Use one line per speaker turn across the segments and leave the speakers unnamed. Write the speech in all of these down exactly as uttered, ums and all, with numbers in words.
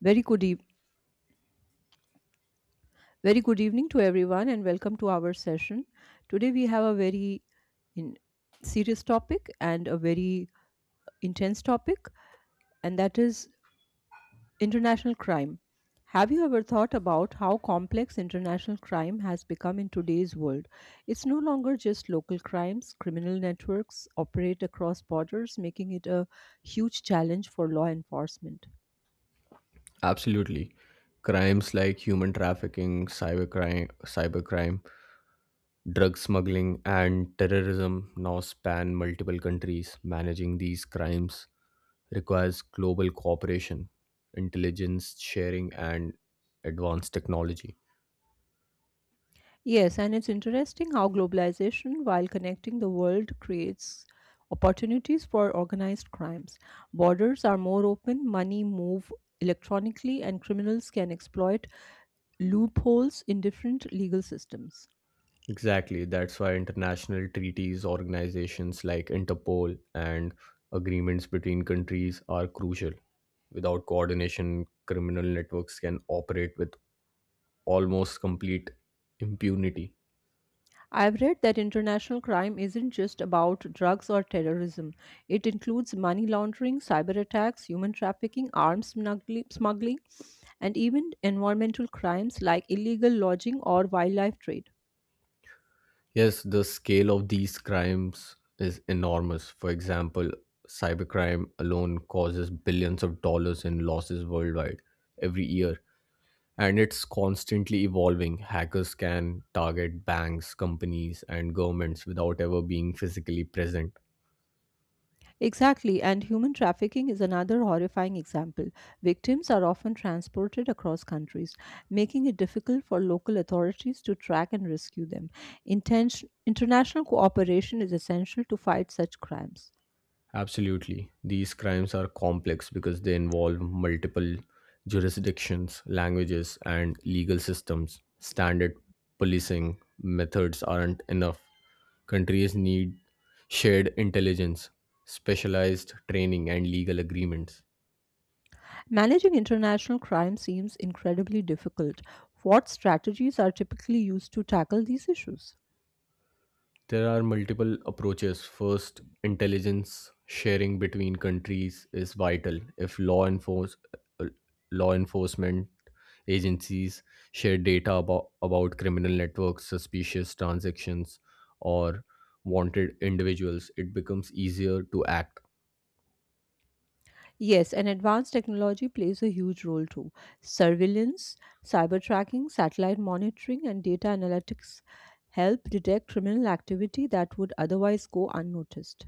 Very good, eve- very good evening to everyone, and welcome to our session. Today we have a very in- serious topic and a very intense topic, and that is international crime. Have you ever thought about how complex international crime has become in today's world? It's no longer just local crimes. Criminal networks operate across borders, making it a huge challenge for law enforcement.
Absolutely. Crimes like human trafficking, cybercrime, cybercrime, drug smuggling, and terrorism now span multiple countries. Managing these crimes requires global cooperation, intelligence sharing, and advanced technology.
Yes, and it's interesting how globalization, while connecting the world, creates opportunities for organized crimes. Borders are more open, money move electronically, and criminals can exploit loopholes in different legal systems.
Exactly. That's why international treaties, organizations like Interpol, and agreements between countries are crucial. Without coordination, criminal networks can operate with almost complete impunity.
I've read that international crime isn't just about drugs or terrorism. It includes money laundering, cyber attacks, human trafficking, arms smuggli- smuggling, and even environmental crimes like illegal lodging or wildlife trade.
Yes, the scale of these crimes is enormous. For example, cybercrime alone causes billions of dollars in losses worldwide every year. And it's constantly evolving. Hackers can target banks, companies, and governments without ever being physically present.
Exactly, and human trafficking is another horrifying example. Victims are often transported across countries, making it difficult for local authorities to track and rescue them. Intention- international cooperation is essential to fight such crimes.
Absolutely. These crimes are complex because they involve multiple jurisdictions, languages, and legal systems. Standard policing methods aren't enough. Countries need shared intelligence, specialized training, and legal agreements.
Managing international crime seems incredibly difficult. What strategies are typically used to tackle these issues?
There are multiple approaches. First, intelligence sharing between countries is vital. If law enforce uh, law enforcement agencies share data about, about criminal networks, suspicious transactions, or wanted individuals, it becomes easier to act.
Yes, and advanced technology plays a huge role too. Surveillance, cyber tracking, satellite monitoring, and data analytics help detect criminal activity that would otherwise go unnoticed.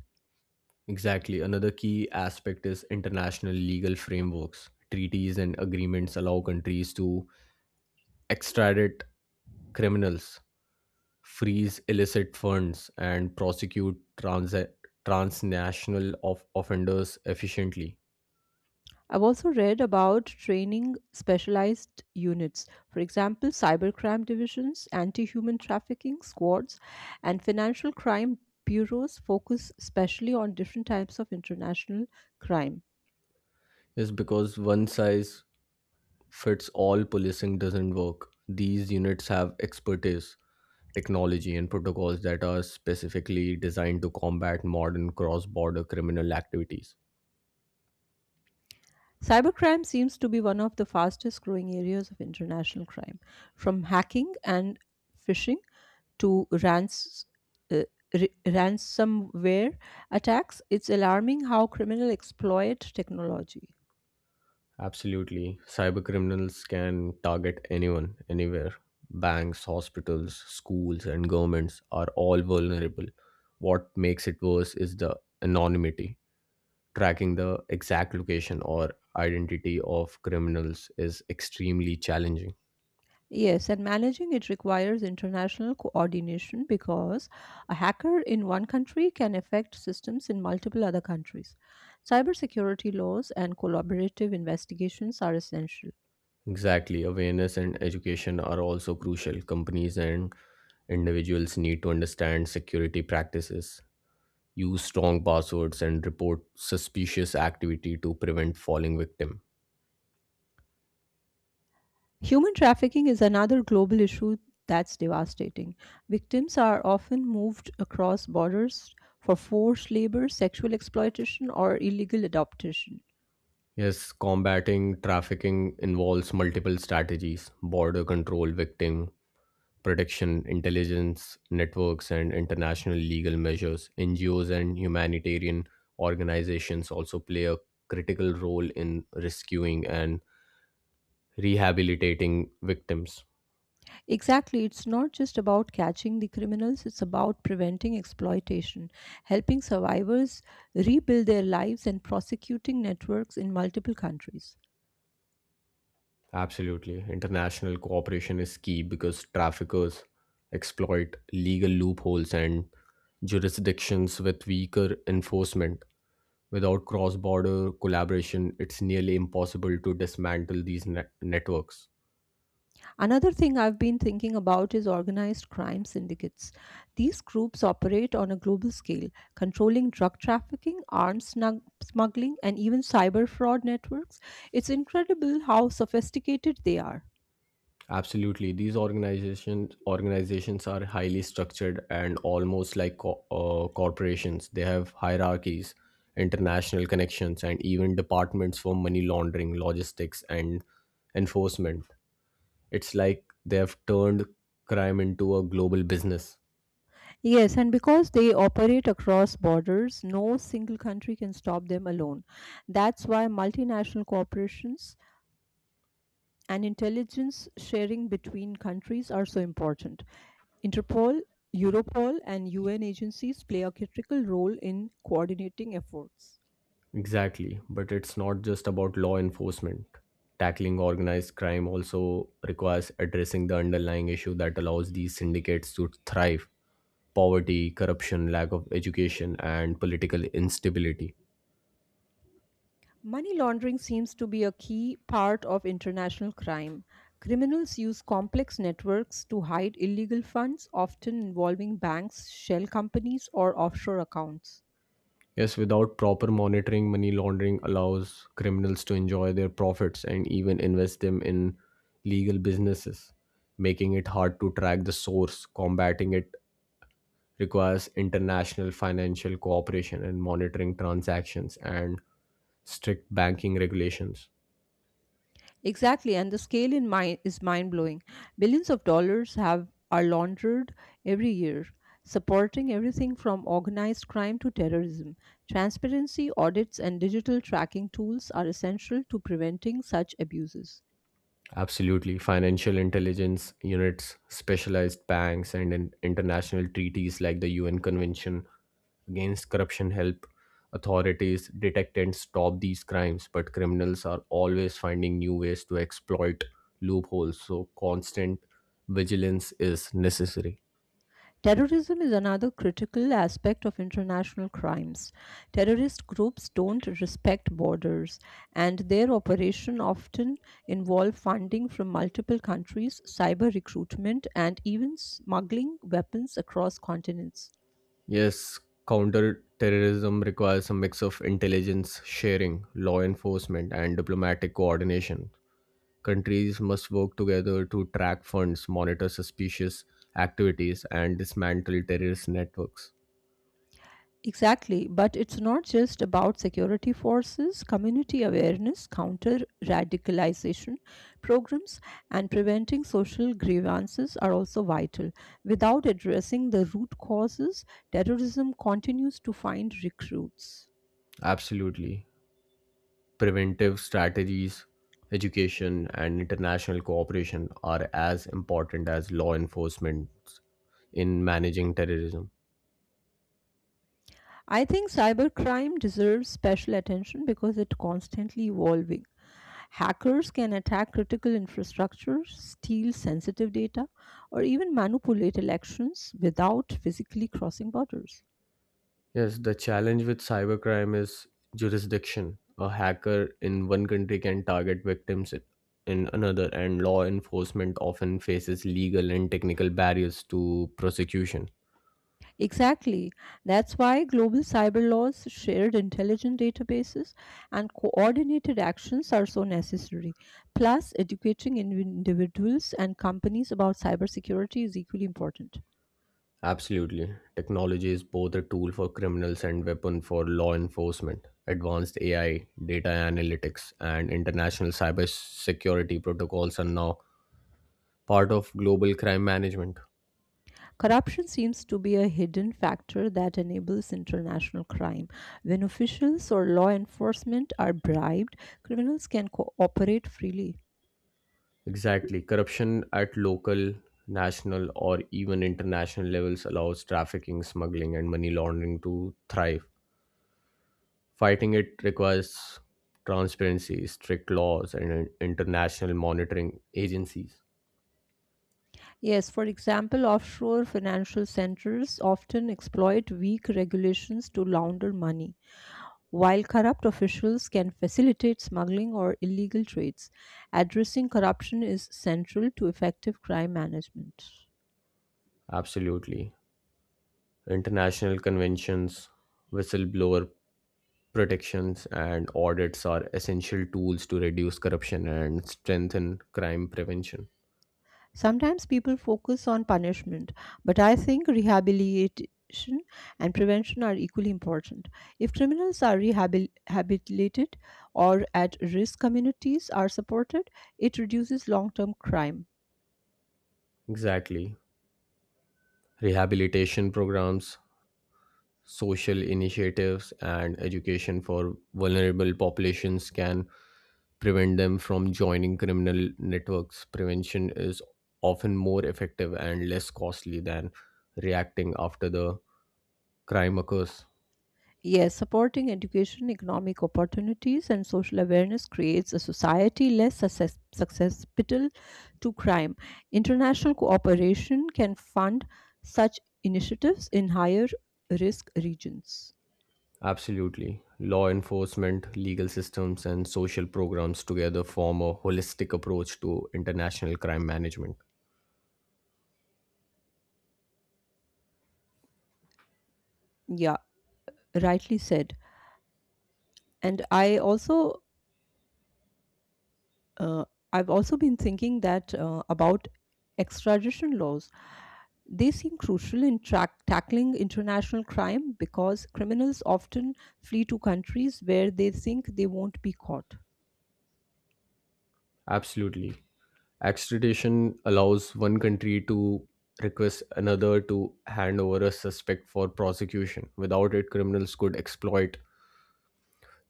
Exactly. Another key aspect is international legal frameworks. Treaties and agreements allow countries to extradite criminals, freeze illicit funds, and prosecute trans- transnational of- offenders efficiently.
I've also read about training specialized units, for example, cybercrime divisions, anti human trafficking squads, and financial crime bureaus focus specially on different types of international crime.
Is because one size fits all policing doesn't work. These units have expertise, technology, and protocols that are specifically designed to combat modern cross border criminal activities.
Cybercrime seems to be one of the fastest growing areas of international crime, from hacking and phishing to rans- uh, r- ransomware attacks. It's alarming how criminals exploit technology.
Absolutely. Cyber criminals can target anyone, anywhere. Banks, hospitals, schools, and governments are all vulnerable. What makes it worse is the anonymity. Tracking the exact location or identity of criminals is extremely challenging.
Yes, and managing it requires international coordination because a hacker in one country can affect systems in multiple other countries. Cybersecurity laws and collaborative investigations are essential.
Exactly. Awareness and education are also crucial. Companies and individuals need to understand security practices, use strong passwords and report suspicious activity to prevent falling victim.
Human trafficking is another global issue that's devastating. Victims are often moved across borders for forced labor, sexual exploitation, or illegal adoption.
Yes, combating trafficking involves multiple strategies: border control, victim protection, intelligence networks, and international legal measures. NGOs and humanitarian organizations also play a critical role in rescuing and rehabilitating victims.
Exactly. It's not just about catching the criminals, it's about preventing exploitation, helping survivors rebuild their lives, and prosecuting networks in multiple countries.
Absolutely. International cooperation is key because traffickers exploit legal loopholes and jurisdictions with weaker enforcement. Without cross border collaboration, it's nearly impossible to dismantle these net- networks.
Another thing I've been thinking about is organized crime syndicates. These groups operate on a global scale, controlling drug trafficking, arms snug- smuggling, and even cyber fraud networks. It's incredible how sophisticated they are.
Absolutely. These organizations organizations are highly structured and almost like co- uh, corporations. They have hierarchies, international connections, and even departments for money laundering, logistics, and enforcement. It's like they've turned crime into a global business.
Yes, and because they operate across borders, no single country can stop them alone. That's why multinational corporations and intelligence sharing between countries are so important. Interpol, Europol, and U N agencies play a critical role in coordinating efforts.
Exactly, but it's not just about law enforcement. Tackling organized crime also requires addressing the underlying issue that allows these syndicates to thrive: poverty, corruption, lack of education, and political instability.
Money laundering seems to be a key part of international crime. Criminals use complex networks to hide illegal funds, often involving banks, shell companies, or offshore accounts.
Yes, without proper monitoring, money laundering allows criminals to enjoy their profits and even invest them in legal businesses, making it hard to track the source. Combating it requires international financial cooperation in monitoring transactions and strict banking regulations.
Exactly, and the scale in mind is mind blowing. Billions of dollars have are laundered every year, supporting everything from organized crime to terrorism. Transparency, audits, and digital tracking tools are essential to preventing such abuses.
Absolutely. Financial intelligence units, specialized banks, and in international treaties like the U N Convention against Corruption help authorities detect and stop these crimes. But criminals are always finding new ways to exploit loopholes, so constant vigilance is necessary.
Terrorism is another critical aspect of international crimes. Terrorist groups don't respect borders, and their operation often involve funding from multiple countries, cyber recruitment, and even smuggling weapons across continents.
Yes, counter-terrorism requires a mix of intelligence sharing, law enforcement, and diplomatic coordination. Countries must work together to track funds, monitor suspicious activities, and dismantle terrorist networks.
Exactly, but it's not just about security forces, community awareness, counter radicalization programs, and preventing social grievances are also vital. Without addressing the root causes, terrorism continues to find recruits.
Absolutely. Preventive strategies, education, and international cooperation are as important as law enforcement in managing terrorism.
I think cybercrime deserves special attention because it's constantly evolving. Hackers can attack critical infrastructure, steal sensitive data, or even manipulate elections without physically crossing borders.
Yes, the challenge with cybercrime is jurisdiction. A hacker in one country can target victims in in another, and law enforcement often faces legal and technical barriers to prosecution.
Exactly. That's why global cyber laws, shared intelligence databases, and coordinated actions are so necessary. Plus, educating indiv- individuals and companies about cybersecurity is equally important.
Absolutely. Technology is both a tool for criminals and weapon for law enforcement. Advanced A I, data analytics, and international cybersecurity protocols are now part of global crime management.
Corruption seems to be a hidden factor that enables international crime. When officials or law enforcement are bribed, criminals can cooperate freely.
Exactly. Corruption at local, national, or even international levels allows trafficking, smuggling, and money laundering to thrive. Fighting it requires transparency, strict laws, and in- international monitoring agencies.
Yes, for example, offshore financial centers often exploit weak regulations to launder money. While corrupt officials can facilitate smuggling or illegal trades, addressing corruption is central to effective crime management.
Absolutely. International conventions, whistleblower protections, and audits are essential tools to reduce corruption and strengthen crime prevention.
Sometimes people focus on punishment, but I think rehabilitation and prevention are equally important. If criminals are rehabilitated or at risk communities are supported, it reduces long term crime.
Exactly. Rehabilitation programs, social initiatives and education for vulnerable populations can prevent them from joining criminal networks. Prevention is often more effective and less costly than reacting after the crime occurs.
Yes, supporting education, economic opportunities, and social awareness creates a society less success- susceptible to crime. International cooperation can fund such initiatives in higher risk regions.
Absolutely. Law enforcement, legal systems, and social programs together form a holistic approach to international crime management.
Yeah, rightly said. And I also, uh, I've also been thinking that uh, about extradition laws. They seem crucial in track tackling international crime because criminals often flee to countries where they think they won't be caught.
Absolutely. Extradition allows one country to request another to hand over a suspect for prosecution. Without it, criminals could exploit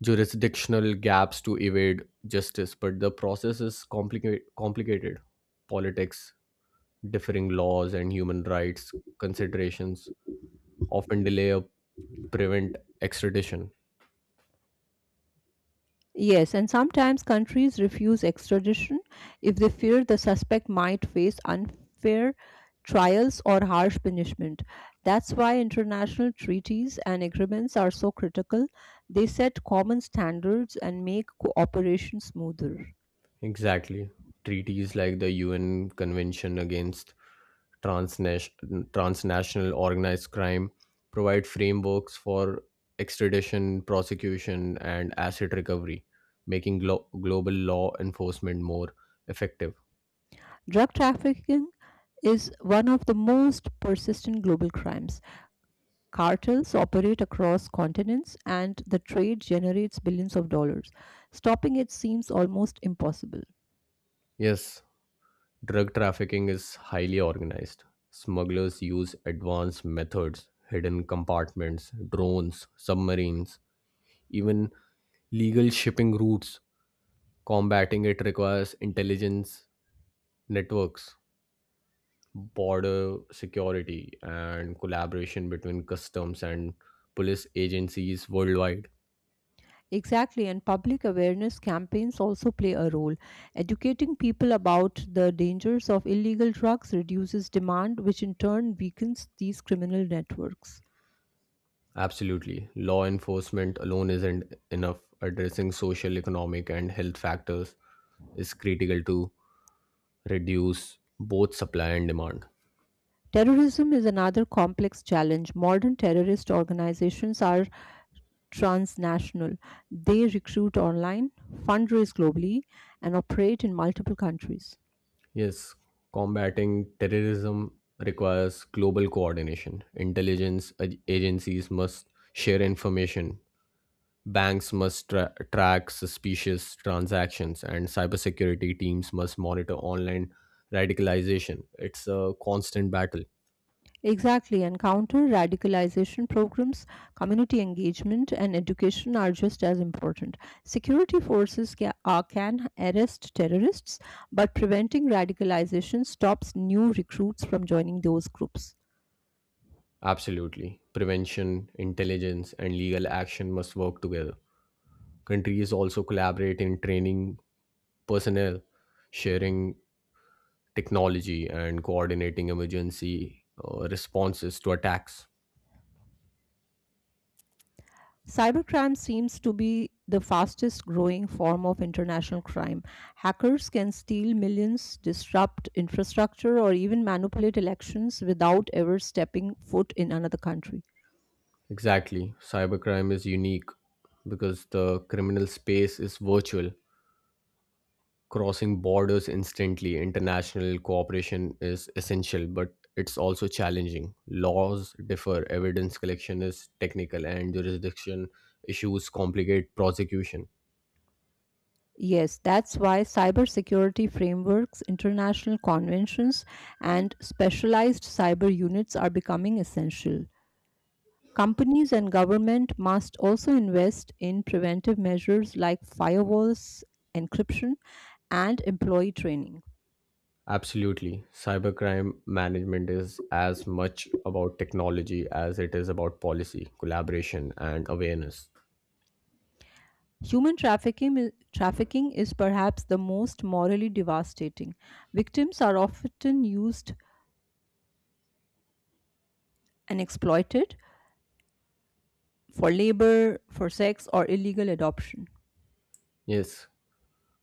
jurisdictional gaps to evade justice, but the process is complica- complicated. Politics, differing laws, and human rights considerations often delay or prevent extradition.
Yes, and sometimes countries refuse extradition if they fear the suspect might face unfair trials or harsh punishment. That's why international treaties and agreements are so critical. They set common standards and make cooperation smoother.
Exactly. Treaties like the U N Convention against transnation- transnational organized crime, provide frameworks for extradition, prosecution, and asset recovery, making glo- global law enforcement more effective.
Drug trafficking is one of the most persistent global crimes. Cartels operate across continents and the trade generates billions of dollars. Stopping it seems almost impossible.
Yes, drug trafficking is highly organized. Smugglers use advanced methods: hidden compartments, drones, submarines, even legal shipping routes. Combating it requires intelligence networks, border security, and collaboration between customs and police agencies worldwide.
Exactly, and public awareness campaigns also play a role. Educating people about the dangers of illegal drugs reduces demand, which in turn weakens these criminal networks.
Absolutely. Law enforcement alone isn't enough. Addressing social, economic, and health factors is critical to reduce both supply and demand.
Terrorism is another complex challenge. Modern terrorist organizations are transnational. They recruit online, fundraise globally, and operate in multiple countries.
Yes, combating terrorism requires global coordination. Intelligence ag- agencies must share information, banks must tra- track suspicious transactions, and cybersecurity teams must monitor online radicalization. It's a constant battle.
Exactly, and counter radicalization programs, community engagement, and education are just as important. Security forces ca- uh, can arrest terrorists, but preventing radicalization stops new recruits from joining those groups.
Absolutely. Prevention, intelligence, and legal action must work together. Countries also collaborate in training personnel, sharing technology, and coordinating emergency uh, responses to attacks.
Cybercrime seems to be the fastest growing form of international crime. Hackers can steal millions, disrupt infrastructure, or even manipulate elections without ever stepping foot in another country.
Exactly. Cybercrime is unique because the criminal space is virtual, crossing borders instantly. International cooperation is essential, but it's also challenging. Laws differ, evidence collection is technical, and jurisdiction issues complicate prosecution.
Yes, that's why cybersecurity frameworks, international conventions, and specialized cyber units are becoming essential. Companies and government must also invest in preventive measures like firewalls, encryption, and employee training.
Absolutely. Cybercrime management is as much about technology as it is about policy, collaboration, and awareness.
Human trafficking, i- trafficking is perhaps the most morally devastating. Victims are often used and exploited for labor, for sex, or illegal adoption.
Yes,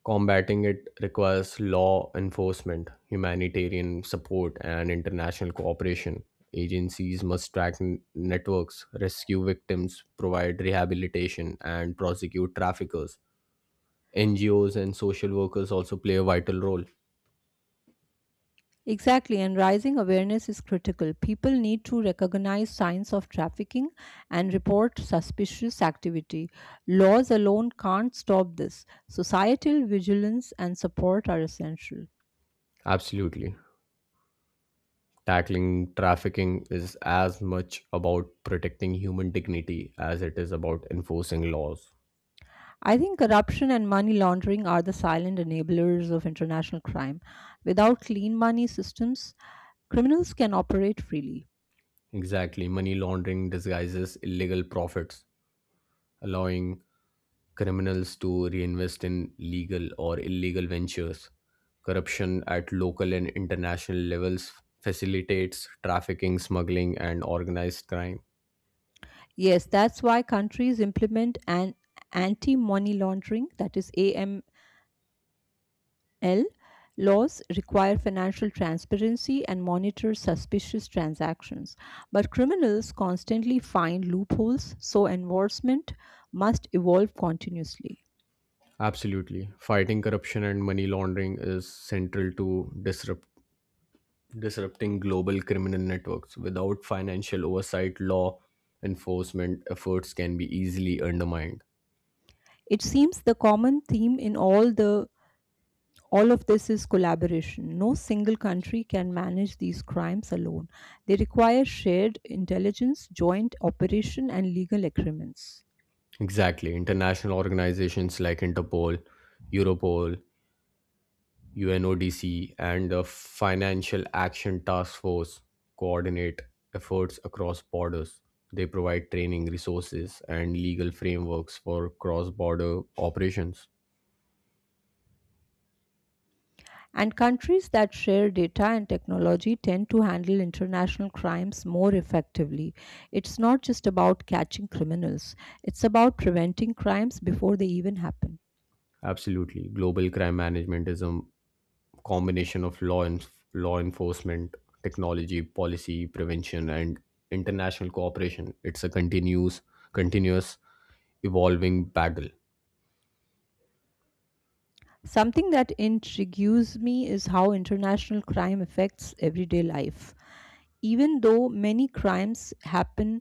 combating it requires law enforcement, humanitarian support, and international cooperation. Agencies must track n- networks, rescue victims, provide rehabilitation, and prosecute traffickers. N G Os and social workers also play a vital role.
Exactly, and rising awareness is critical. People need to recognize signs of trafficking and report suspicious activity. Laws alone can't stop this. Societal vigilance and support are essential.
Absolutely. Tackling trafficking is as much about protecting human dignity as it is about enforcing laws.
I think corruption and money laundering are the silent enablers of international crime. Without clean money systems, criminals can operate freely.
Exactly. Money laundering disguises illegal profits, allowing criminals to reinvest in legal or illegal ventures. Corruption at local and international levels facilitates trafficking, smuggling, and organized crime.
Yes, that's why countries implement an anti money laundering, that is AML L. Laws require financial transparency and monitor suspicious transactions, but criminals constantly find loopholes, so enforcement must evolve continuously.
Absolutely. Fighting corruption and money laundering is central to disrupt, disrupting global criminal networks. Without financial oversight, law enforcement efforts can be easily undermined.
It seems the common theme in all the all of this is collaboration. No single country can manage these crimes alone. They require shared intelligence, joint operation, and legal agreements.
Exactly. International organizations like Interpol, Europol, U N O D C, and the Financial Action Task Force coordinate efforts across borders. They provide training, resources, and legal frameworks for cross border operations.
And countries that share data and technology tend to handle international crimes more effectively. It's not just about catching criminals, it's about preventing crimes before they even happen.
Absolutely. Global crime management is a combination of law, and law enforcement, technology, policy, prevention, and international cooperation. It's a continuous, continuous evolving battle.
Something that intrigues me is how international crime affects everyday life. Even though many crimes happen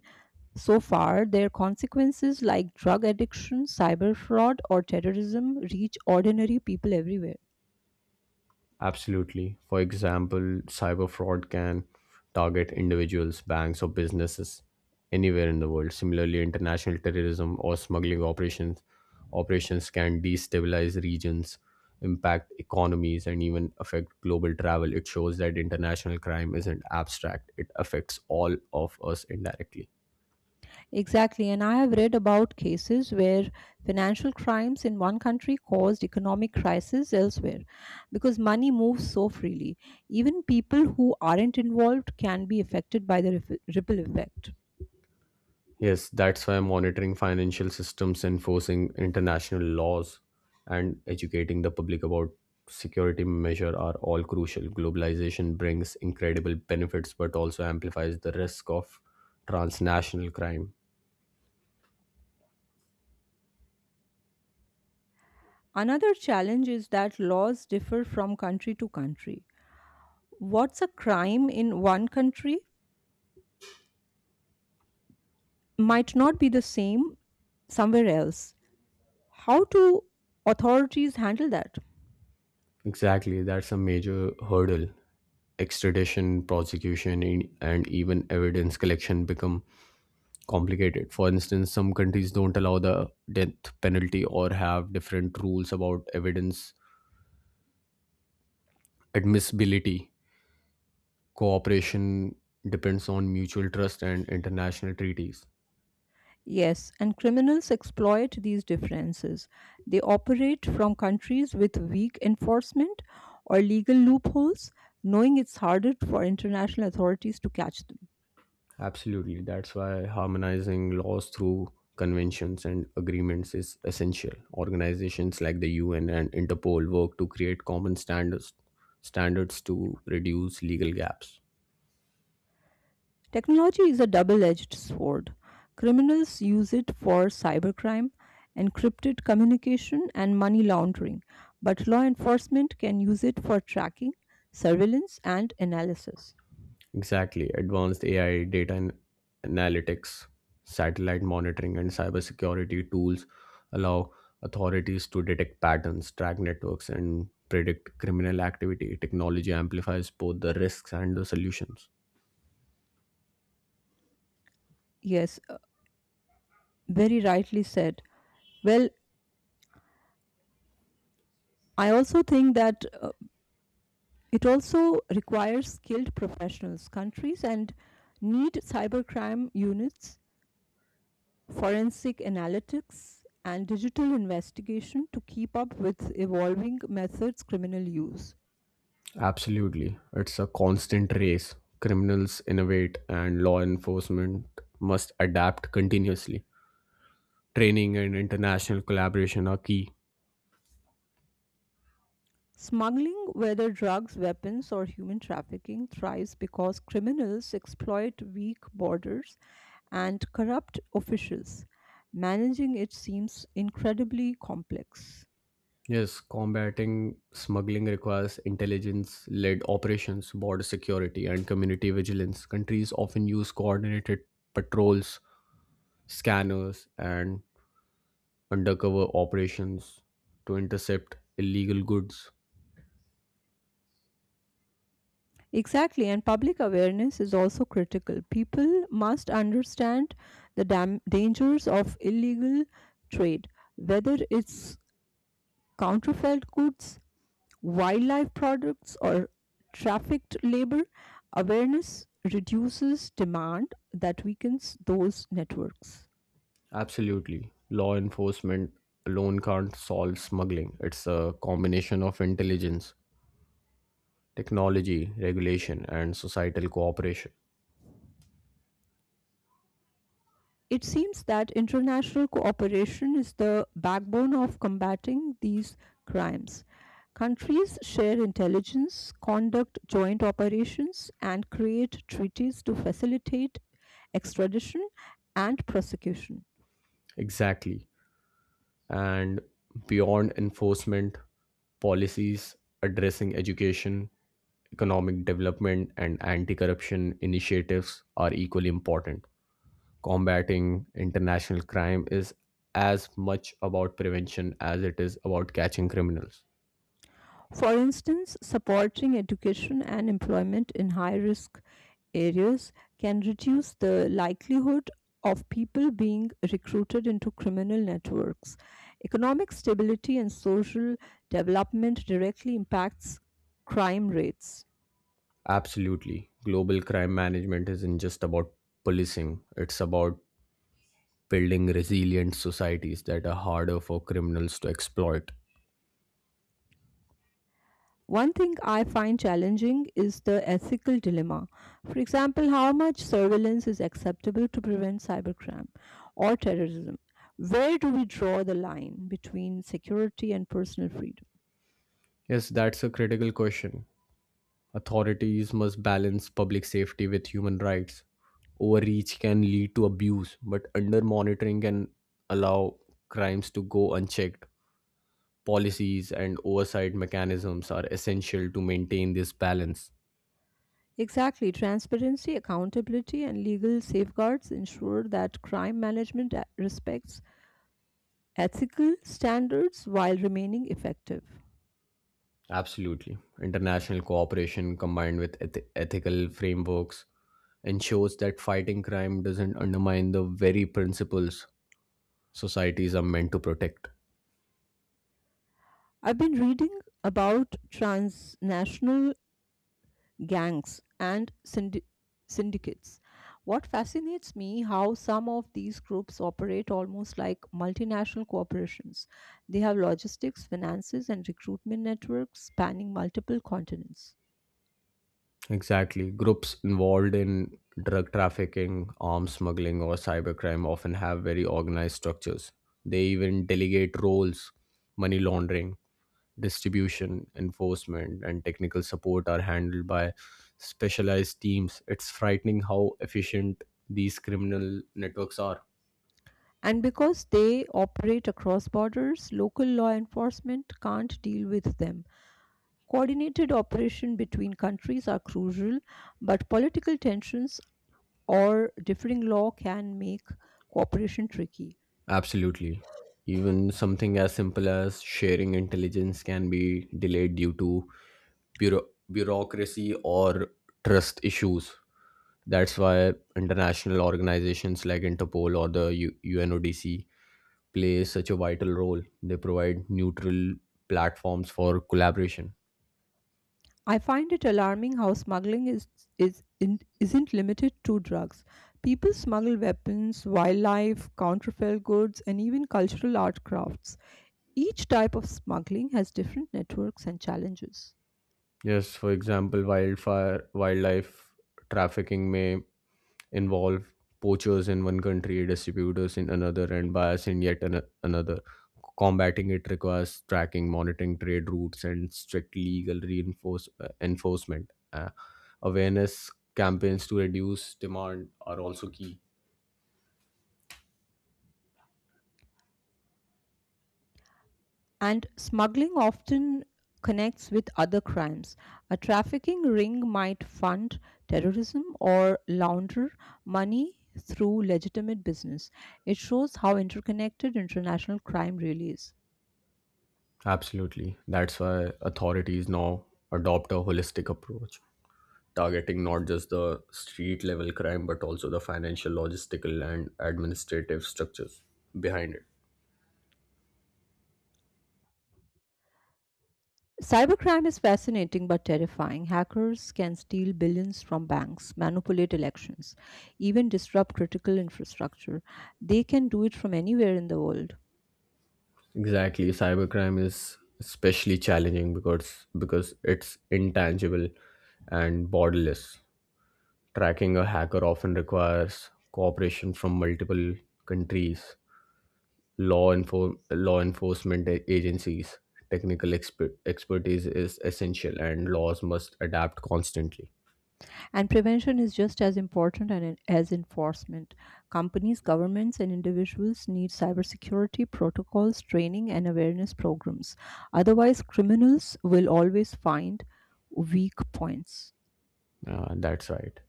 so far, their consequences like drug addiction, cyber fraud, or terrorism reach ordinary people everywhere.
Absolutely. For example, cyber fraud can target individuals, banks, or businesses anywhere in the world. Similarly, international terrorism or smuggling operations operations can destabilize regions, impact economies, and even affect global travel. It shows that international crime isn't abstract; it affects all of us indirectly.
Exactly, and I have read about cases where financial crimes in one country caused economic crisis elsewhere because money moves so freely. Even people who aren't involved can be affected by the rif- ripple effect.
Yes, that's why monitoring financial systems, enforcing international laws, and educating the public about security measure are all crucial. Globalization brings incredible benefits but also amplifies the risk of transnational crime.
Another challenge is that laws differ from country to country. What's a crime in one country might not be the same somewhere else. How do authorities handle that?
Exactly, that's a major hurdle. Extradition, prosecution, and and even evidence collection become complicated. For instance, some countries don't allow the death penalty or have different rules about evidence admissibility. Cooperation depends on mutual trust and international treaties.
Yes, and criminals exploit these differences. They operate from countries with weak enforcement or legal loopholes, knowing it's harder for international authorities to catch them.
Absolutely. That's why harmonizing laws through conventions and agreements is essential. Organizations like the U N and Interpol work to create common standards standards to reduce legal gaps.
Technology is a double edged sword. Criminals use it for cybercrime, encrypted communication, and money laundering, but law enforcement can use it for tracking, surveillance, and analysis.
Exactly. Advanced A I, data an- analytics, satellite monitoring, and cybersecurity tools allow authorities to detect patterns, track networks, and predict criminal activity. Technology amplifies both the risks and the solutions.
Yes, uh, very rightly said. Well, I also think that uh, it also requires skilled professionals. Countries and need cybercrime units forensic analytics, and digital investigation to keep up with evolving methods criminal use.
Absolutely. It's a constant race. Criminals innovate, and law enforcement must adapt continuously. Training and international collaboration are key.
Smuggling, whether drugs, weapons, or human trafficking, thrives because criminals exploit weak borders and corrupt officials. Managing it seems incredibly complex.
Yes, combating smuggling requires intelligence led operations, border security, and community vigilance. Countries often use coordinated patrols, scanners, and undercover operations to intercept illegal goods.
Exactly, and public awareness is also critical. People must understand the dam- dangers of illegal trade, whether it's counterfeit goods, wildlife products, or trafficked labor, awareness reduces demand that weakens those networks.
Absolutely. Law enforcement alone can't solve smuggling. It's a combination of intelligence, technology, regulation, and societal cooperation.
It seems that international cooperation is the backbone of combating these crimes. Countries share intelligence, conduct joint operations, and create treaties to facilitate extradition and prosecution.
Exactly. And beyond enforcement, policies addressing education, economic development, and anti corruption initiatives are equally important. Combating international crime is as much about prevention as it is about catching criminals.
For instance, supporting education and employment in high risk areas can reduce the likelihood of people being recruited into criminal networks. Economic stability and social development directly impacts crime rates.
Absolutely. Global crime management isn't just about policing, it's about building resilient societies that are harder for criminals to exploit.
One thing I find challenging is the ethical dilemma. For example, how much surveillance is acceptable to prevent cybercrime or terrorism? Where do we draw the line between security and personal freedom?
Yes, that's a critical question. Authorities must balance public safety with human rights. Overreach can lead to abuse, but under monitoring can allow crimes to go unchecked. Policies and oversight mechanisms are essential to maintain this balance.
Exactly, transparency, accountability, and legal safeguards ensure that crime management a- respects ethical standards while remaining effective.
Absolutely. International cooperation combined with eth- ethical frameworks ensures that fighting crime doesn't undermine the very principles societies are meant to protect.
I've been reading about transnational gangs and syndi- syndicates. What fascinates me how some of these groups operate almost like multinational corporations. They have logistics, finances, and recruitment networks spanning multiple continents.
Exactly. Groups involved in drug trafficking, arms smuggling, or cybercrime often have very organized structures. They even delegate roles: money laundering, distribution, enforcement, and technical support are handled by specialized teams. It's frightening how efficient these criminal networks are.
And because they operate across borders, local law enforcement can't deal with them. Coordinated operation between countries are crucial, but political tensions or differing law can make cooperation tricky.
Absolutely. Even something as simple as sharing intelligence can be delayed due to bureau- bureaucracy or trust issues. That's why international organizations like Interpol or the U- UNODC play such a vital role. They provide neutral platforms for collaboration.
I find it alarming how smuggling is, is, in, isn't limited to drugs. People smuggle weapons, wildlife, counterfeit goods, and even cultural art crafts. Each type of smuggling has different networks and challenges.
Yes, for example, wildfire wildlife trafficking may involve poachers in one country, distributors in another, and buyers in yet ano- another. Combating it requires tracking, monitoring trade routes, and strict legal reinforce- uh, enforcement. Uh, awareness campaigns to reduce demand are also key.
And smuggling often connects with other crimes. A trafficking ring might fund terrorism or launder money through legitimate business. It shows how interconnected international crime really is.
Absolutely. That's why authorities now adopt a holistic approach, targeting not just the street level crime, but also the financial, logistical, and administrative structures behind it.
Cybercrime is fascinating but terrifying. Hackers can steal billions from banks, manipulate elections, even disrupt critical infrastructure. They can do it from anywhere in the world.
Exactly, cybercrime is especially challenging because because it's intangible and borderless. Tracking a hacker often requires cooperation from multiple countries, law enfor- law enforcement a- agencies. Technical exper- expertise is essential, and laws must adapt constantly.
And prevention is just as important and- as enforcement. Companies, governments, and individuals need cybersecurity protocols, training, and awareness programs. Otherwise, criminals will always find weak points.
Uh, that's right.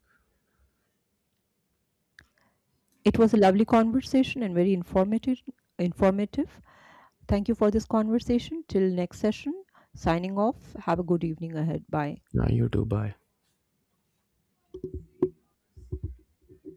It was a lovely conversation and very informative. Informative. Thank you for this conversation. Till next session, signing off. Have a good evening ahead. Bye.
Now you too, bye.